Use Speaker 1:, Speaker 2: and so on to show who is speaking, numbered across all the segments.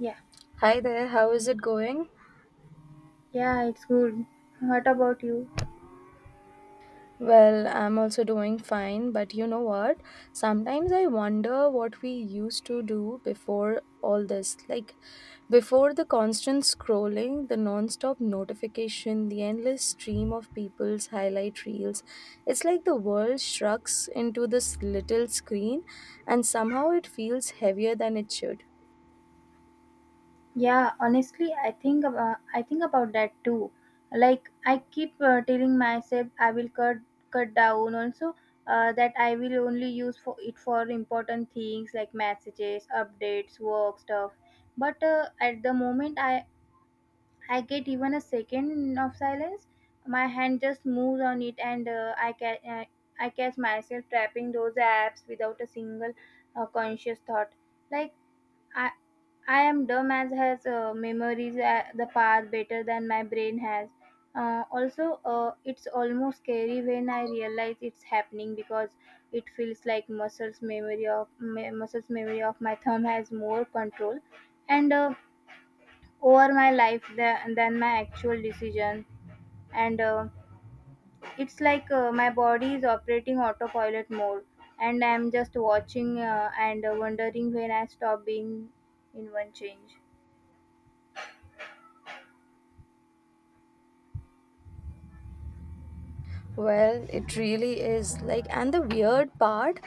Speaker 1: Yeah,
Speaker 2: Hi there, how is it going?
Speaker 1: yeah, it's good. What about you?
Speaker 2: Well, I'm also doing fine, but you know what? Sometimes I wonder what we used to do before all this. Before the constant scrolling, the non-stop notification, the endless stream of people's highlight reels, it's like the world shrugs into this little screen, and somehow it feels heavier than it should.
Speaker 1: Yeah, honestly, I think about that too. Like I keep telling myself I will cut down also that I will only use for it for important things like messages, updates, work stuff. But at the moment I get even a second of silence, my hand just moves on it, and I catch myself tapping those apps without a single conscious thought, like I, I am dumb as has memories the past better than my brain has. Also, it's almost scary when I realize it's happening, because it feels like muscles memory of my thumb has more control and over my life than my actual decision. And it's like my body is operating autopilot mode, and I'm just watching and wondering when I stop being in one change.
Speaker 2: Well, it really is. And the weird part,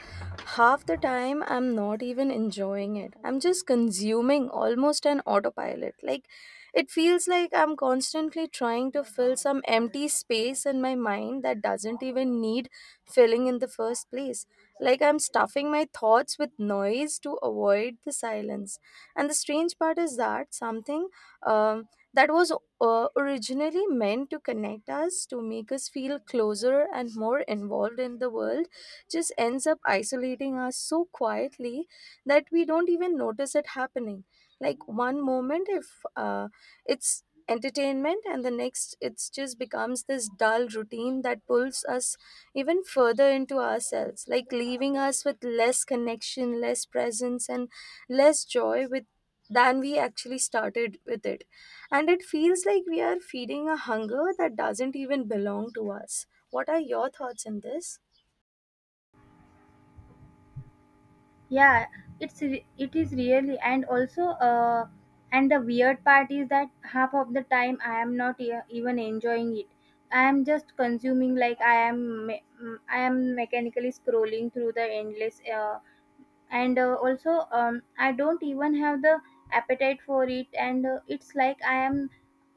Speaker 2: half the time I'm not even enjoying it. I'm just consuming almost an autopilot. It feels like I'm constantly trying to fill some empty space in my mind that doesn't even need filling in the first place. I'm stuffing my thoughts with noise to avoid the silence. And the strange part is that something um, that was originally meant to connect us, to make us feel closer and more involved in the world, just ends up isolating us so quietly that we don't even notice it happening. Like one moment if It's entertainment, and the next it's just becomes this dull routine that pulls us even further into ourselves, like leaving us with less connection, less presence, and less joy with than we actually started with it. And it feels like we are feeding a hunger that doesn't even belong to us. What are your thoughts on this?
Speaker 1: Yeah, it is really and also, uh and the weird part is that half of the time I am not even enjoying it. I am just consuming, like I am mechanically scrolling through the endless, and also, I don't even have the appetite for it, and it's like i am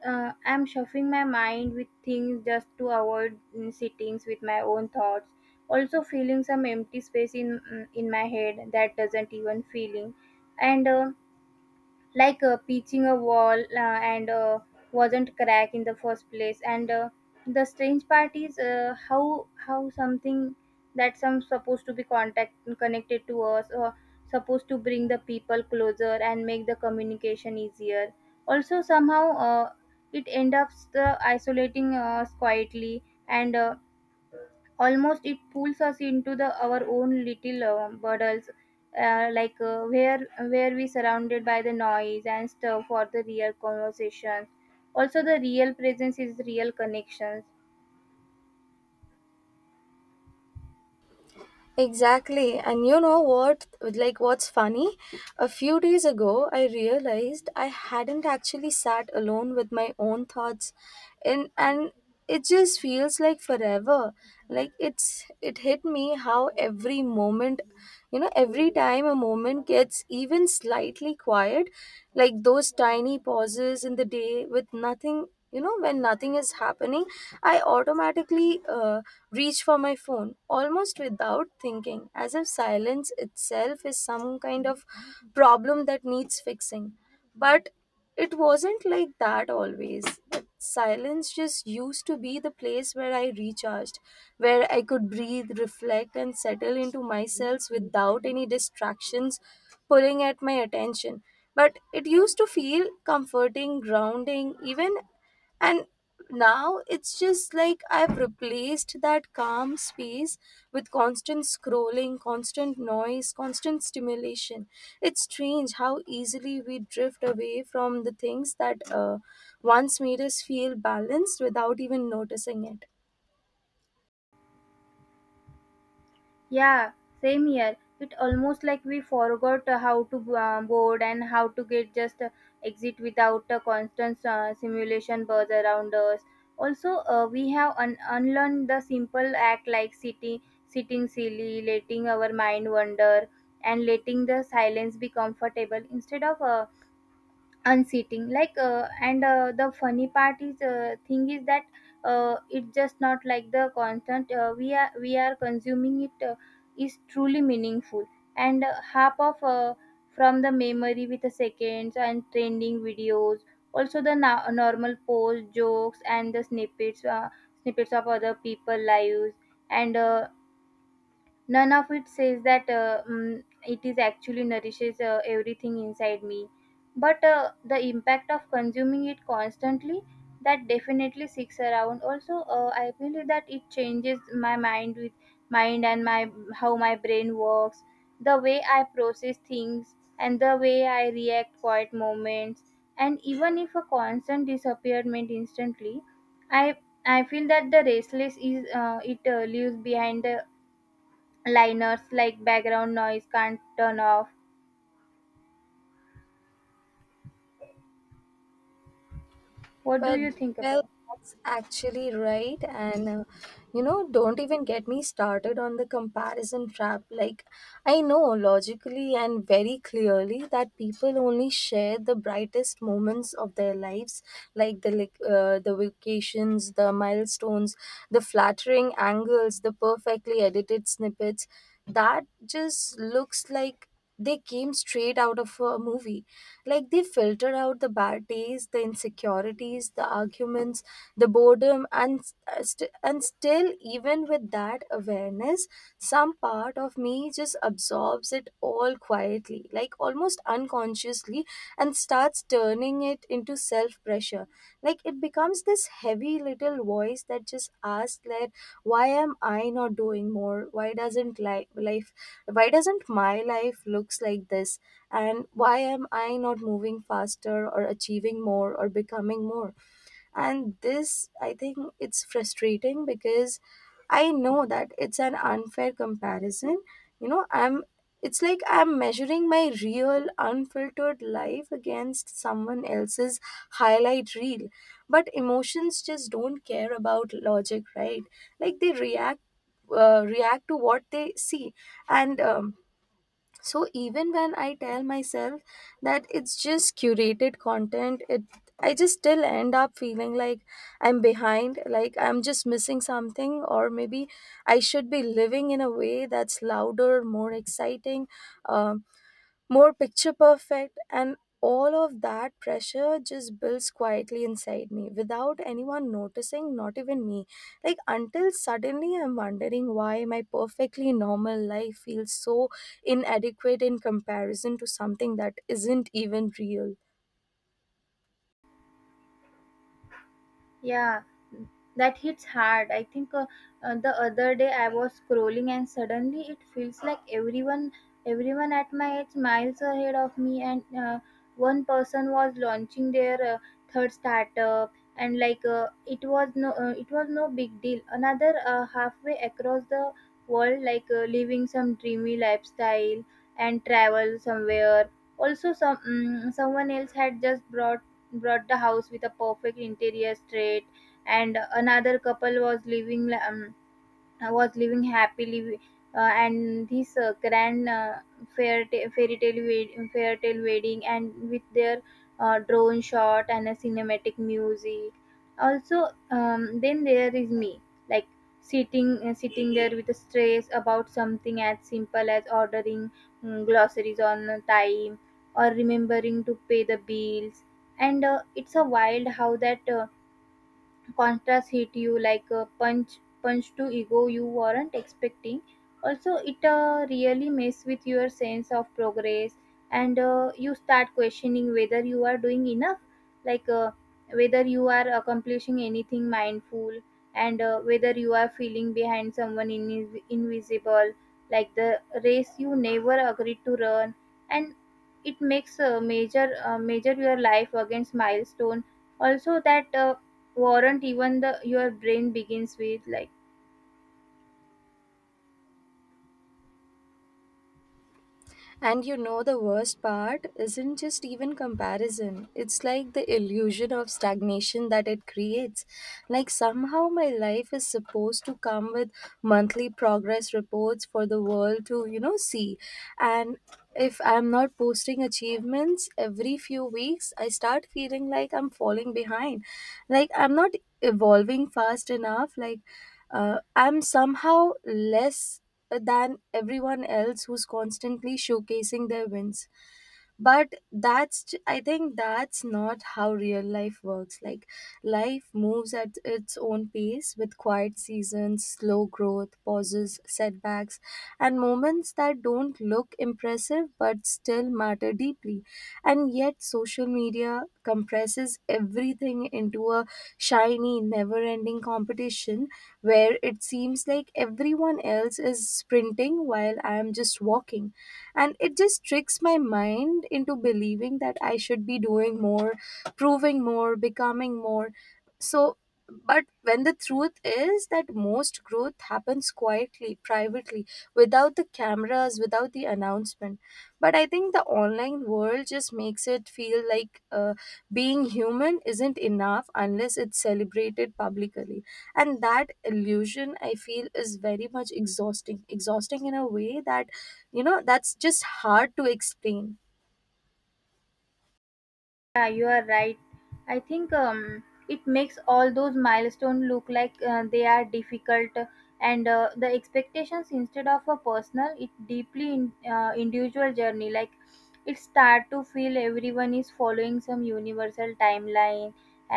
Speaker 1: uh, I'm shuffling my mind with things just to avoid sittings with my own thoughts, also feeling some empty space in my head that doesn't even feeling, and like pitching a wall and wasn't crack in the first place, and the strange part is how something that some supposed to be contact connected to us or supposed to bring the people closer and make the communication easier, also somehow it end up isolating us quietly, and almost it pulls us into the our own little bubbles, like where we surrounded by the noise and stuff for the real conversations, also the real presence is real connections.
Speaker 2: Exactly. And you know what? What's funny? A few days ago, I realized I hadn't actually sat alone with my own thoughts. And it just feels like forever. It hit me how every moment, you know, every time a moment gets even slightly quiet, like those tiny pauses in the day with nothing, when nothing is happening, I automatically reach for my phone almost without thinking, as if silence itself is some kind of problem that needs fixing. But it wasn't like that always. Silence just used to be the place where I recharged, where I could breathe, reflect, and settle into myself without any distractions pulling at my attention. But it used to feel comforting, grounding even. And now it's just like I've replaced that calm space with constant scrolling, constant noise, constant stimulation. It's strange how easily we drift away from the things that once made us feel balanced without even noticing it.
Speaker 1: Yeah, same here. It almost like we forgot how to board and how to get just exit without a constant simulation buzz around us. Also, we have unlearned the simple act like sitting silly, letting our mind wander, and letting the silence be comfortable instead of unseating, like and the funny part is thing is that it's just not like the constant, we are consuming it is truly meaningful, and half of from the memory with the seconds and trending videos, also the normal posts, jokes and the snippets of other people lives, and none of it says that it is actually nourishes everything inside me, but the impact of consuming it constantly, that definitely sticks around, also I believe that it changes my mind with mind and my how my brain works, the way I process things and the way I react quiet moments, and even if a constant disappearment instantly, i I feel that the restless is, it leaves behind the liners like background noise can't turn off. What do
Speaker 2: But
Speaker 1: you think
Speaker 2: well,
Speaker 1: about?
Speaker 2: that's actually right. And you know, don't even get me started on the comparison trap. Like, I know logically and very clearly that people only share the brightest moments of their lives, like the vacations, the milestones, the flattering angles, the perfectly edited snippets. That just looks like they came straight out of a movie. Like they filter out the bad days, the insecurities, the arguments, the boredom, and still, even with that awareness, some part of me just absorbs it all quietly, like almost unconsciously, and starts turning it into self pressure. Like it becomes this heavy little voice that just asks, like, why am I not doing more? Why doesn't li- life? Why doesn't my life looks like this? And why am I not moving faster, or achieving more, or becoming more? And this, I think, it's frustrating because I know that it's an unfair comparison. You know, I'm it's like I'm measuring my real unfiltered life against someone else's highlight reel. But emotions just don't care about logic, right? Like they react, react to what they see. And so even when I tell myself that it's just curated content, it I just still end up feeling like I'm behind, like I'm just missing something, or maybe I should be living in a way that's louder, more exciting, um, more picture perfect. And all of that pressure just builds quietly inside me without anyone noticing, not even me, like until suddenly I'm wondering why my perfectly normal life feels so inadequate in comparison to something that isn't even real.
Speaker 1: Yeah. That hits hard, I think. The other day I was scrolling and suddenly it feels like everyone at my age miles ahead of me, and one person was launching their third startup, and like it was no big deal, another halfway across the world, like living some dreamy lifestyle and travel somewhere, also someone else had just brought the house with a perfect interior straight, and another couple was living happily, and this grand fairy tale wedding and with their drone shot and a cinematic music, also then there is me, like sitting there with a stress about something as simple as ordering groceries on time or remembering to pay the bills, and it's a wild how that contrast hit you like a punch to ego you weren't expecting, also it really mess with your sense of progress, and you start questioning whether you are doing enough, like whether you are accomplishing anything mindful, and whether you are feeling behind someone invisible, like the race you never agreed to run, and it makes major measure your life against milestone, also that warrant even the your brain begins with like.
Speaker 2: And you know, the worst part isn't just even comparison, it's like the illusion of stagnation that it creates. Like, somehow, my life is supposed to come with monthly progress reports for the world to, you know, see. And if I'm not posting achievements every few weeks, I start feeling like I'm falling behind. Like, I'm not evolving fast enough. Like, I'm somehow less than everyone else who's constantly showcasing their wins. I think that's not how real life works. Like, life moves at its own pace with quiet seasons, slow growth, pauses, setbacks, and moments that don't look impressive but still matter deeply. And yet social media compresses everything into a shiny, never ending competition where it seems like everyone else is sprinting while I am just walking. And it just tricks my mind into believing that I should be doing more, proving more, becoming more. so but when the truth is that most growth happens quietly, privately, without the cameras, without the announcement. But I think the online world just makes it feel like being human isn't enough unless it's celebrated publicly. And that illusion, I feel, is very much exhausting. Exhausting in a way that, you know, that's just hard to explain.
Speaker 1: Yeah, you are right, I think, it makes all those milestones look like they are difficult, and the expectations instead of a personal it deeply individual journey, like it start to feel everyone is following some universal timeline,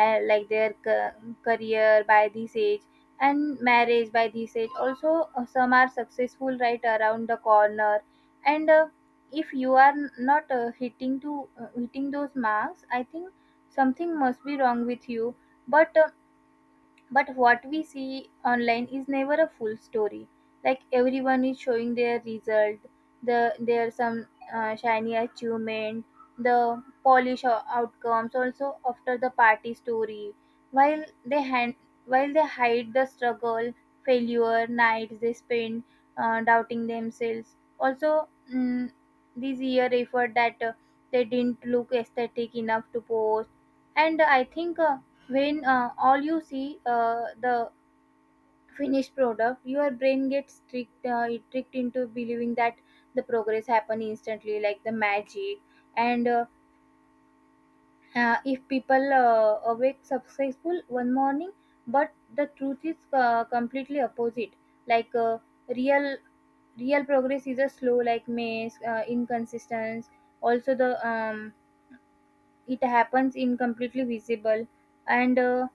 Speaker 1: like their career by this age, and marriage by this age, also some are successful right around the corner, and if you are not hitting those marks, I think something must be wrong with you. But but what we see online is never a full story. Like, everyone is showing their result, the their some shiny achievement, the polish outcomes, also after the party story, while they hand, while they hide the struggle, failure, nights they spend doubting themselves, also, this year effort that they didn't look aesthetic enough to post, and I think, when all you see the finished product your brain gets tricked, it tricked into believing that the progress happen instantly like the magic, and if people awake successful one morning, but the truth is completely opposite, like real real progress is a slow like maze, inconsistent, also the, it happens in completely visible, and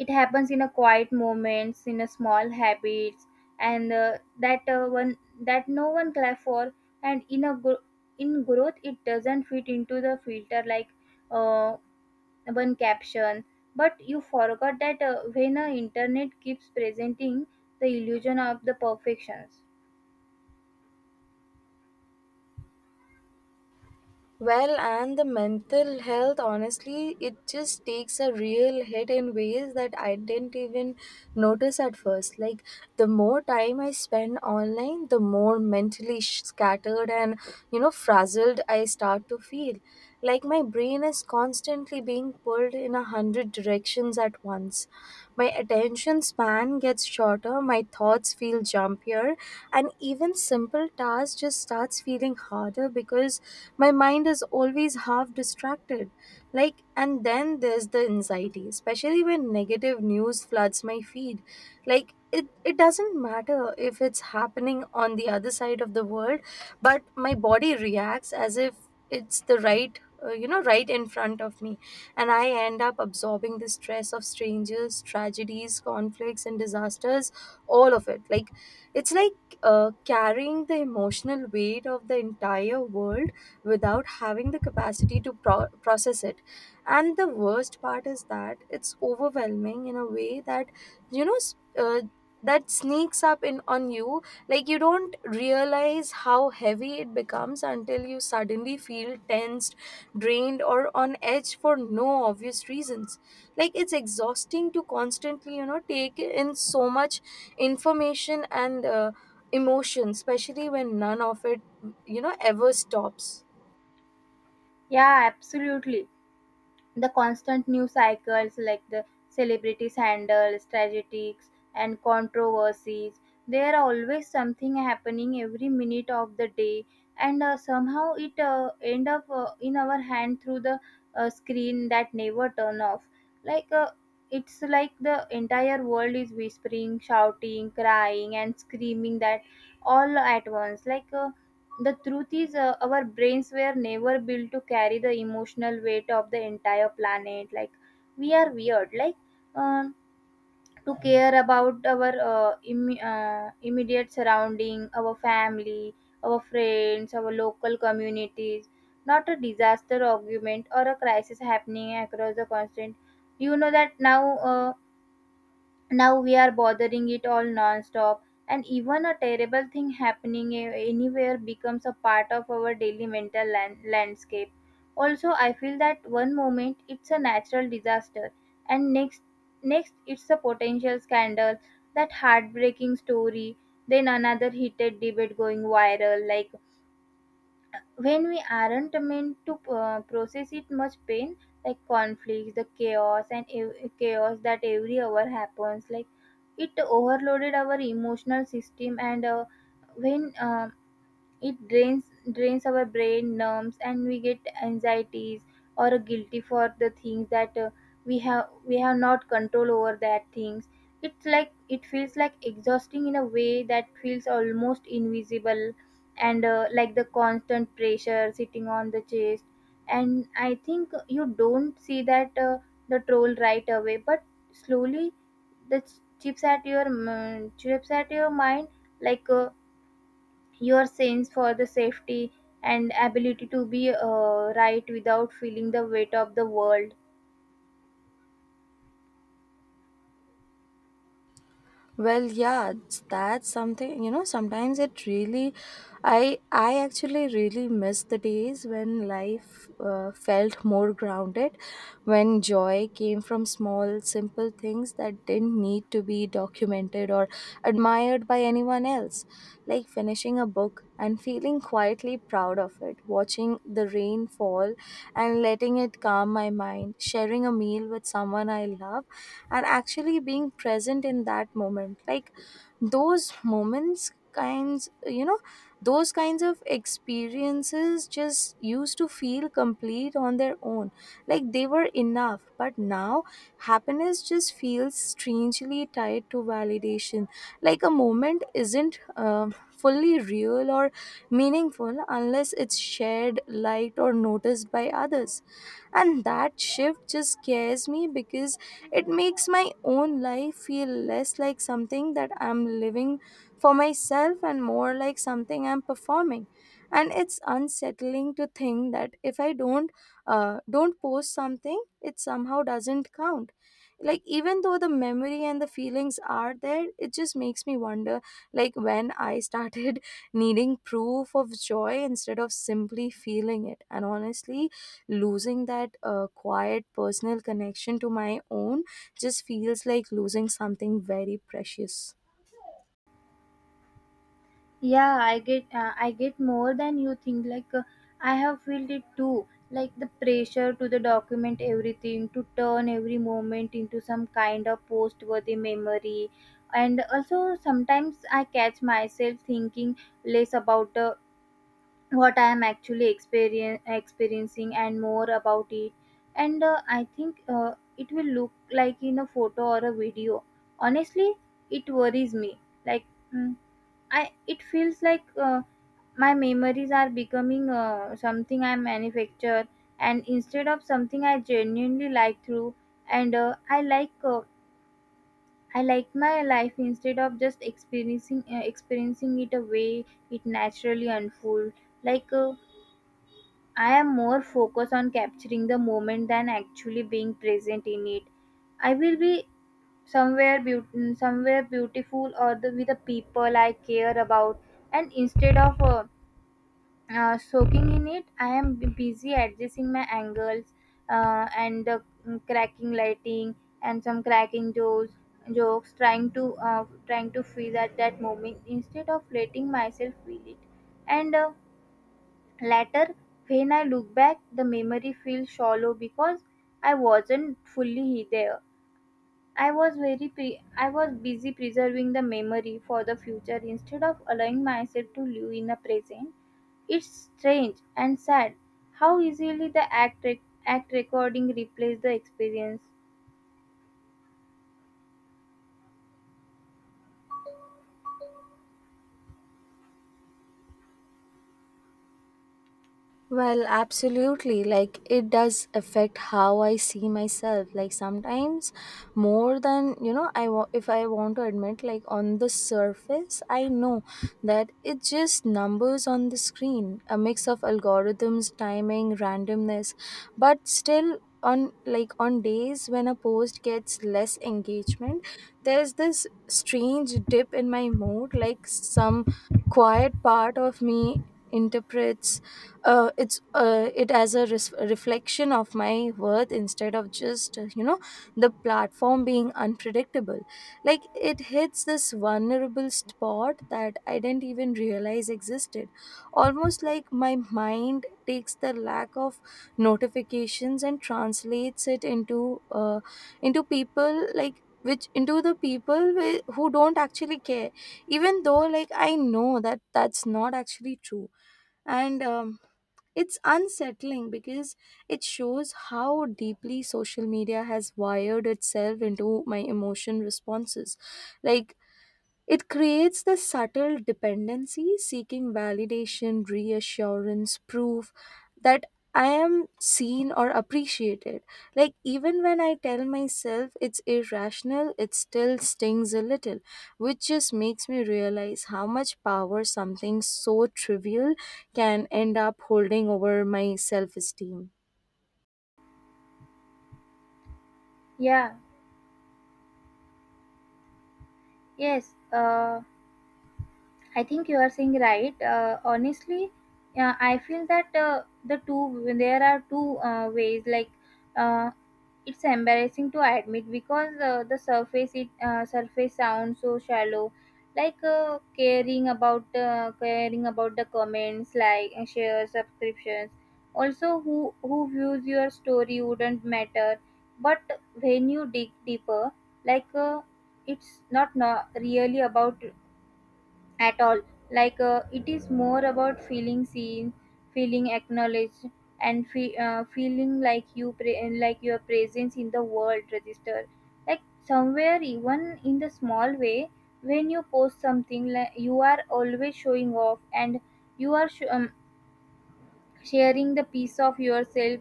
Speaker 1: it happens in a quiet moments in a small habits, and that one that no one clap for, and in a in growth it doesn't fit into the filter, like uh, one caption, but you forgot that when internet keeps presenting the illusion of the perfections.
Speaker 2: Well, and the mental health, honestly, it just takes a real hit in ways that I didn't even notice at first. Like, the more time I spend online, the more mentally scattered and, you know, frazzled I start to feel. Like, my brain is constantly being pulled in a hundred directions at once. My attention span gets shorter, my thoughts feel jumpier, and even simple tasks just starts feeling harder because my mind is always half distracted. Like, and then there's the anxiety, especially when negative news floods my feed. It doesn't matter if it's happening on the other side of the world, but my body reacts as if it's the right, you know, right in front of me. And I end up absorbing the stress of strangers, tragedies, conflicts, and disasters, all of it. Like, it's like carrying the emotional weight of the entire world without having the capacity to process it. And the worst part is that it's overwhelming in a way that, you know, that sneaks up in on you. Like, you don't realize how heavy it becomes until you suddenly feel tensed, drained, or on edge for no obvious reasons. Like, it's exhausting to constantly, you know, take in so much information and emotion, especially when none of it, you know, ever stops.
Speaker 1: Yeah, absolutely, the constant news cycles like the celebrities handles tragedies and controversies, there are always something happening every minute of the day, and somehow it end up in our hand through the screen that never turn off, like it's like the entire world is whispering shouting crying and screaming that all at once, like the truth is, our brains were never built to carry the emotional weight of the entire planet. Like, we are weird. Like, um, to care about our immediate surrounding, our family, our friends, our local communities. Not a disaster argument or a crisis happening across the continent. You know that now. Now we are bothering it all non-stop, and even a terrible thing happening anywhere becomes a part of our daily mental landscape, also I feel that one moment it's a natural disaster, and next it's a potential scandal, that heartbreaking story, then another heated debate going viral, like when we aren't meant to process it much pain, like conflicts, the chaos and chaos that every hour happens, like it overloaded our emotional system, and when it drains our brain, numbs, and we get anxieties, or a guilty for the things that we have not control over that things. It's like it feels like exhausting in a way that feels almost invisible, and like the constant pressure sitting on the chest. And I think you don't see that the troll right away, but slowly the chips at your mind like. Your sense for the safety and ability to be right without feeling the weight of the world.
Speaker 2: Well, yeah, that's something, you know, sometimes it really I actually really miss the days when life felt more grounded, when joy came from small simple things that didn't need to be documented or admired by anyone else, like finishing a book and feeling quietly proud of it, watching the rain fall and letting it calm my mind, sharing a meal with someone I love and actually being present in that moment. Like, those moments kinds you know those kinds of experiences just used to feel complete on their own, like they were enough. But now happiness just feels strangely tied to validation, like a moment isn't fully real or meaningful unless it's shared, liked, or noticed by others. And that shift just scares me, because it makes my own life feel less like something that I'm living for myself and more like something I'm performing. And it's unsettling to think that if I don't post something, it somehow doesn't count. Like, even though the memory and the feelings are there, it just makes me wonder like when I started needing proof of joy instead of simply feeling it. And honestly, losing that quiet personal connection to my own just feels like losing something very precious.
Speaker 1: Yeah, I get more than you think, like I have felt it too, like the pressure to the document everything to turn every moment into some kind of post worthy memory, and also sometimes I catch myself thinking less about the what I am actually experiencing, and more about it, and I think it will look like in a photo or a video, honestly it worries me, like mm, I it feels like my memories are becoming something I manufacture, and instead of something I genuinely like through, and I like my life instead of just experiencing it a way it naturally unfolds, like I am more focused on capturing the moment than actually being present in it. I will be somewhere beautiful, with the people I care about, and instead of soaking in it, I am busy adjusting my angles and cracking lighting and some cracking jokes, trying to trying to feel at that moment instead of letting myself feel it, and. Later, when I look back, the memory feels shallow because I wasn't fully there. I was busy preserving the memory for the future instead of allowing myself to live in the present. It's strange and sad how easily the act recording replaces the experience.
Speaker 2: Well, absolutely. Like, it does affect how I see myself. Like, sometimes more than, you know, if I want to admit, like, on the surface, I know that it's just numbers on the screen, a mix of algorithms, timing, randomness. But still, on like on days when a post gets less engagement, there's this strange dip in my mood, like, some quiet part of me interprets it as a reflection of my worth instead of just, you know, the platform being unpredictable. Like, it hits this vulnerable spot that I didn't even realize existed, almost like my mind takes the lack of notifications and translates it into, into people like which into the people who don't actually care, even though, like, I know that that's not actually true. And it's unsettling because it shows how deeply social media has wired itself into my emotion responses. Like, it creates the subtle dependency, seeking validation, reassurance, proof that I am seen or appreciated. Like, even when I tell myself it's irrational, it still stings a little, which just makes me realize how much power something so trivial can end up holding over my self esteem.
Speaker 1: Yeah. Yes. I think you are saying right. Honestly, I feel that there are two ways. Uh, it's embarrassing to admit because the surface it surface sounds so shallow. Like caring about the comments, like share subscriptions. Also, who views your story wouldn't matter. But when you dig deeper, like uh, it's not really about at all, like it is more about feeling seen, feeling acknowledged, and feeling like like your presence in the world register, like somewhere even in the small way. When you post something, like you are always showing off and you are sharing the piece of yourself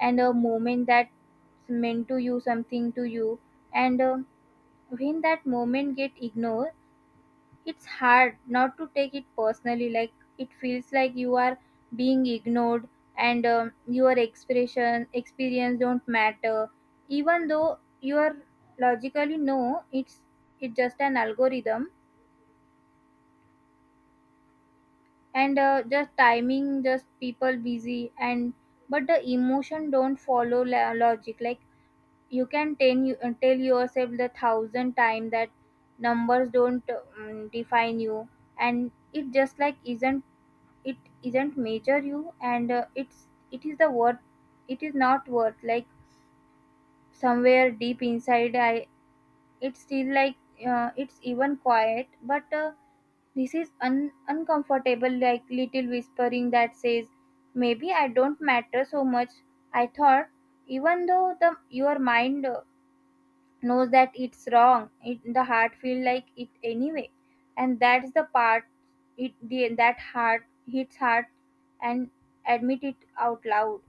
Speaker 1: and a moment that's meant to you something to you, and when that moment get ignored, it's hard not to take it personally, like it feels like you are being ignored and your expression experience don't matter, even though you are logically no, it's it's just an algorithm and just timing, just people busy. And but the emotion don't follow logic, like you can tell you tell yourself the thousand time that numbers don't define you, and it just like isn't it isn't major you, and it's it is the worth, it is not worth, like somewhere deep inside, I it's still like it's even quiet but this is uncomfortable, like little whispering that says maybe I don't matter so much, I thought. Even though the your mind knows that it's wrong, it, the heart feel like it anyway, and that's the part it the, that heart hits hard and admit it out loud.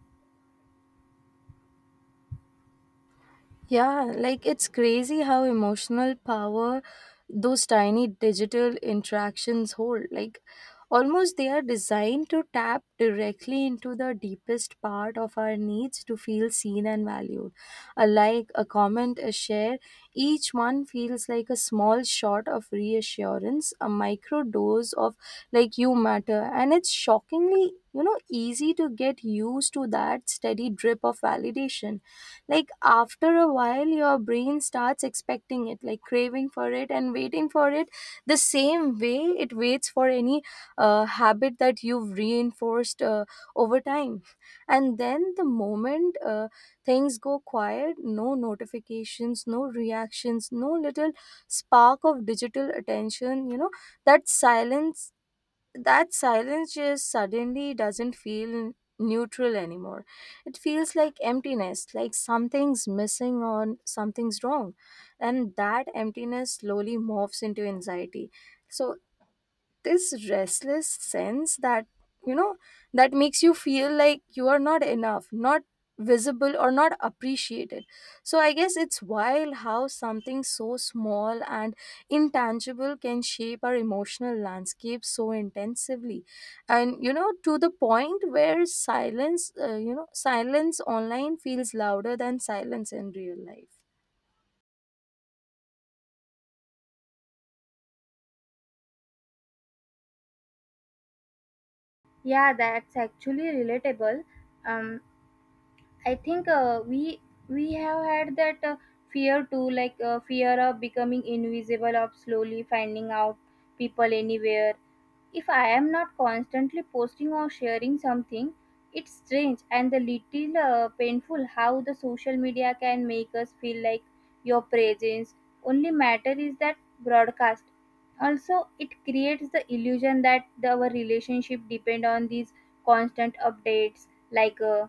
Speaker 2: Yeah, like it's crazy how emotional power those tiny digital interactions hold. Like, almost they are designed to tap directly into the deepest part of our needs to feel seen and valued. A like, a comment, a share, each one feels like a small shot of reassurance, a micro dose of like you matter. And it's shockingly, you know, easy to get used to that steady drip of validation. Like, after a while, your brain starts expecting it, like craving for it and waiting for it the same way it waits for any habit that you've reinforced over time. And then the moment things go quiet, no notifications, no reactions, no little spark of digital attention, you know, that silence that silence just suddenly doesn't feel neutral anymore. It feels like emptiness, like something's missing or something's wrong. And that emptiness slowly morphs into anxiety. So this restless sense that, you know, that makes you feel like you are not enough, not visible, or not appreciated. So I guess it's wild how something so small and intangible can shape our emotional landscape so intensively. And, you know, to the point where silence, you know, silence online feels louder than silence in real life.
Speaker 1: Yeah, that's actually relatable. um I think we have had that fear too, like fear of becoming invisible, of slowly finding out people anywhere. If I am not constantly posting or sharing something, it's strange and a little painful how the social media can make us feel like your presence only matter is that broadcast. Also, it creates the illusion that the, our relationship depend on these constant updates, like,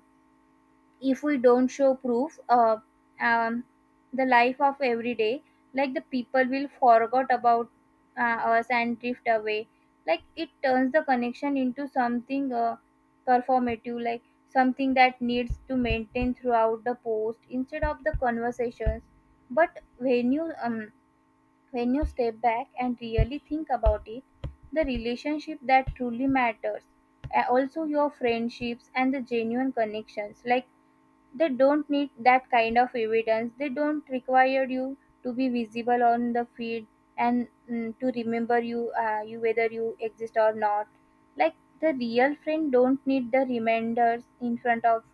Speaker 1: if we don't show proof um, the life of every day, like the people will forget about us and drift away, like it turns the connection into something performative, like something that needs to maintain throughout the post instead of the conversations. But when you step back and really think about it, the relationship that truly matters, also your friendships and the genuine connections, like they don't need that kind of evidence, they don't require you to be visible on the feed and to remember you you whether you exist or not, like the real friend don't need the reminders in front of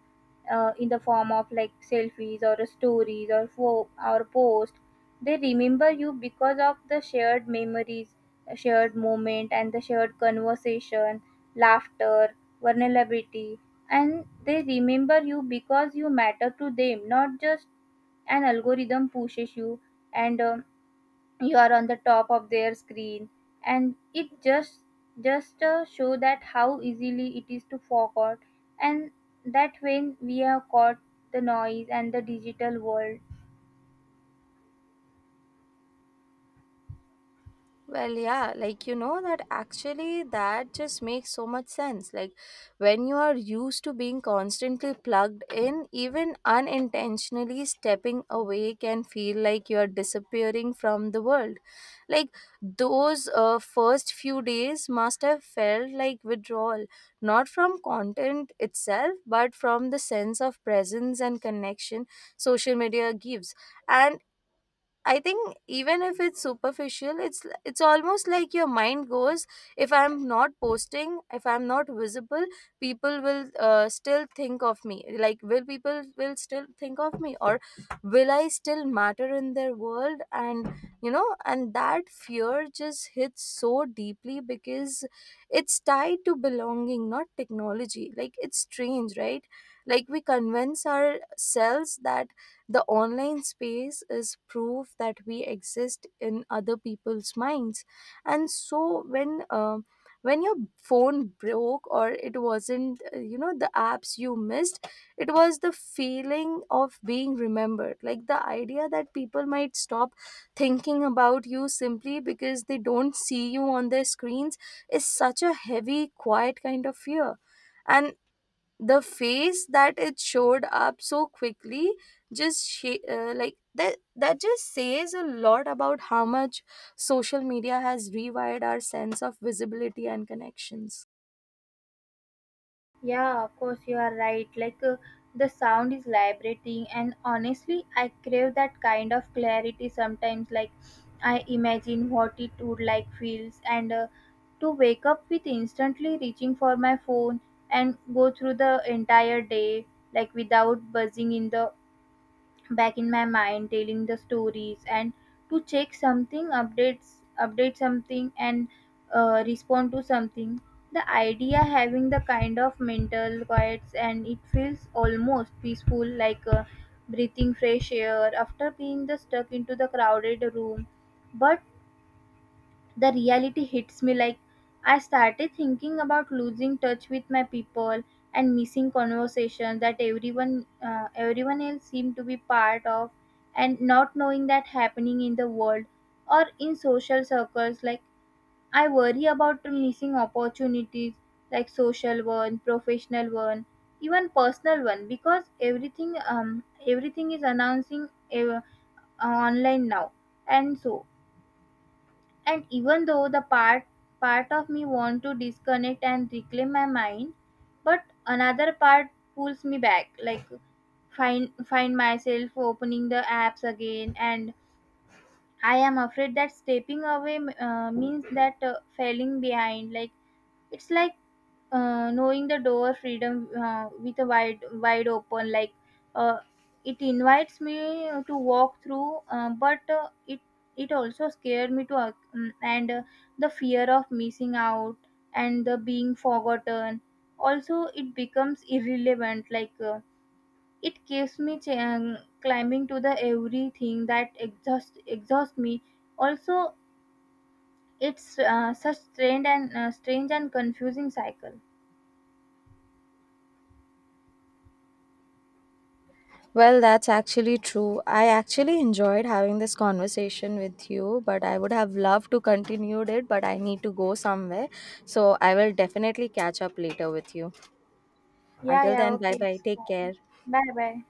Speaker 1: in the form of like selfies or stories or or post. They remember you because of the shared memories, a shared moment and the shared conversation, laughter, vulnerability, and they remember you because you matter to them, not just an algorithm pushes you, and you are on the top of their screen. And it just just show that how easily it is to forget and that when we are caught the noise and the digital world.
Speaker 2: Well, yeah, like, you know that actually that just makes so much sense. Like, when you are used to being constantly plugged in, even unintentionally stepping away can feel like you are disappearing from the world. Like, those first few days must have felt like withdrawal, not from content itself, but from the sense of presence and connection social media gives. And I think even if it's superficial, it's almost like your mind goes. If I'm not posting, if I'm not visible, people will still think of me. Like, will people will still think of me, or will I still matter in their world? And, you know, and that fear just hits so deeply because it's tied to belonging, not technology. Like, it's strange, right? Like, we convince ourselves that the online space is proof that we exist in other people's minds. And so when your phone broke, or it wasn't, you know, the apps you missed, it was the feeling of being remembered, like the idea that people might stop thinking about you simply because they don't see you on their screens is such a heavy, quiet kind of fear. And the face that it showed up so quickly like that, that just says a lot about how much social media has rewired our sense of visibility and connections.
Speaker 1: Yeah, of course, you are right. Like, the sound is vibrating, and honestly, I crave that kind of clarity sometimes. Like, I imagine what it would like feels, and to wake up with instantly reaching for my phone and go through the entire day, like, without buzzing in the back in my mind telling the stories and to check something updates, update something, and respond to something. The idea having the kind of mental quiets and it feels almost peaceful, like breathing fresh air after being the stuck into the crowded room. But the reality hits me, like I started thinking about losing touch with my people and missing conversations that everyone else seemed to be part of, and not knowing that happening in the world or in social circles, like I worry about missing opportunities, like social one, professional one, even personal one, because everything is announcing uh, online now. And so, and even though the part part of me want to disconnect and reclaim my mind, but another part pulls me back, like find myself opening the apps again, and I am afraid that stepping away means that falling behind, like it's like knowing the door freedom with a wide open, like uh, it invites me to walk through but it it also scared me to and the fear of missing out and the being forgotten, also it becomes irrelevant, like it keeps me climbing to the everything that exhaust me. Also, it's such strange and confusing cycle.
Speaker 2: Well, that's actually true. I actually enjoyed having this conversation with you, but I would have loved to continue it, but I need to go somewhere. So I will definitely catch up later with you.
Speaker 1: Yeah,
Speaker 2: Until
Speaker 1: yeah,
Speaker 2: then, bye
Speaker 1: okay,
Speaker 2: bye,
Speaker 1: it's
Speaker 2: take
Speaker 1: fine.
Speaker 2: care.
Speaker 1: Bye bye.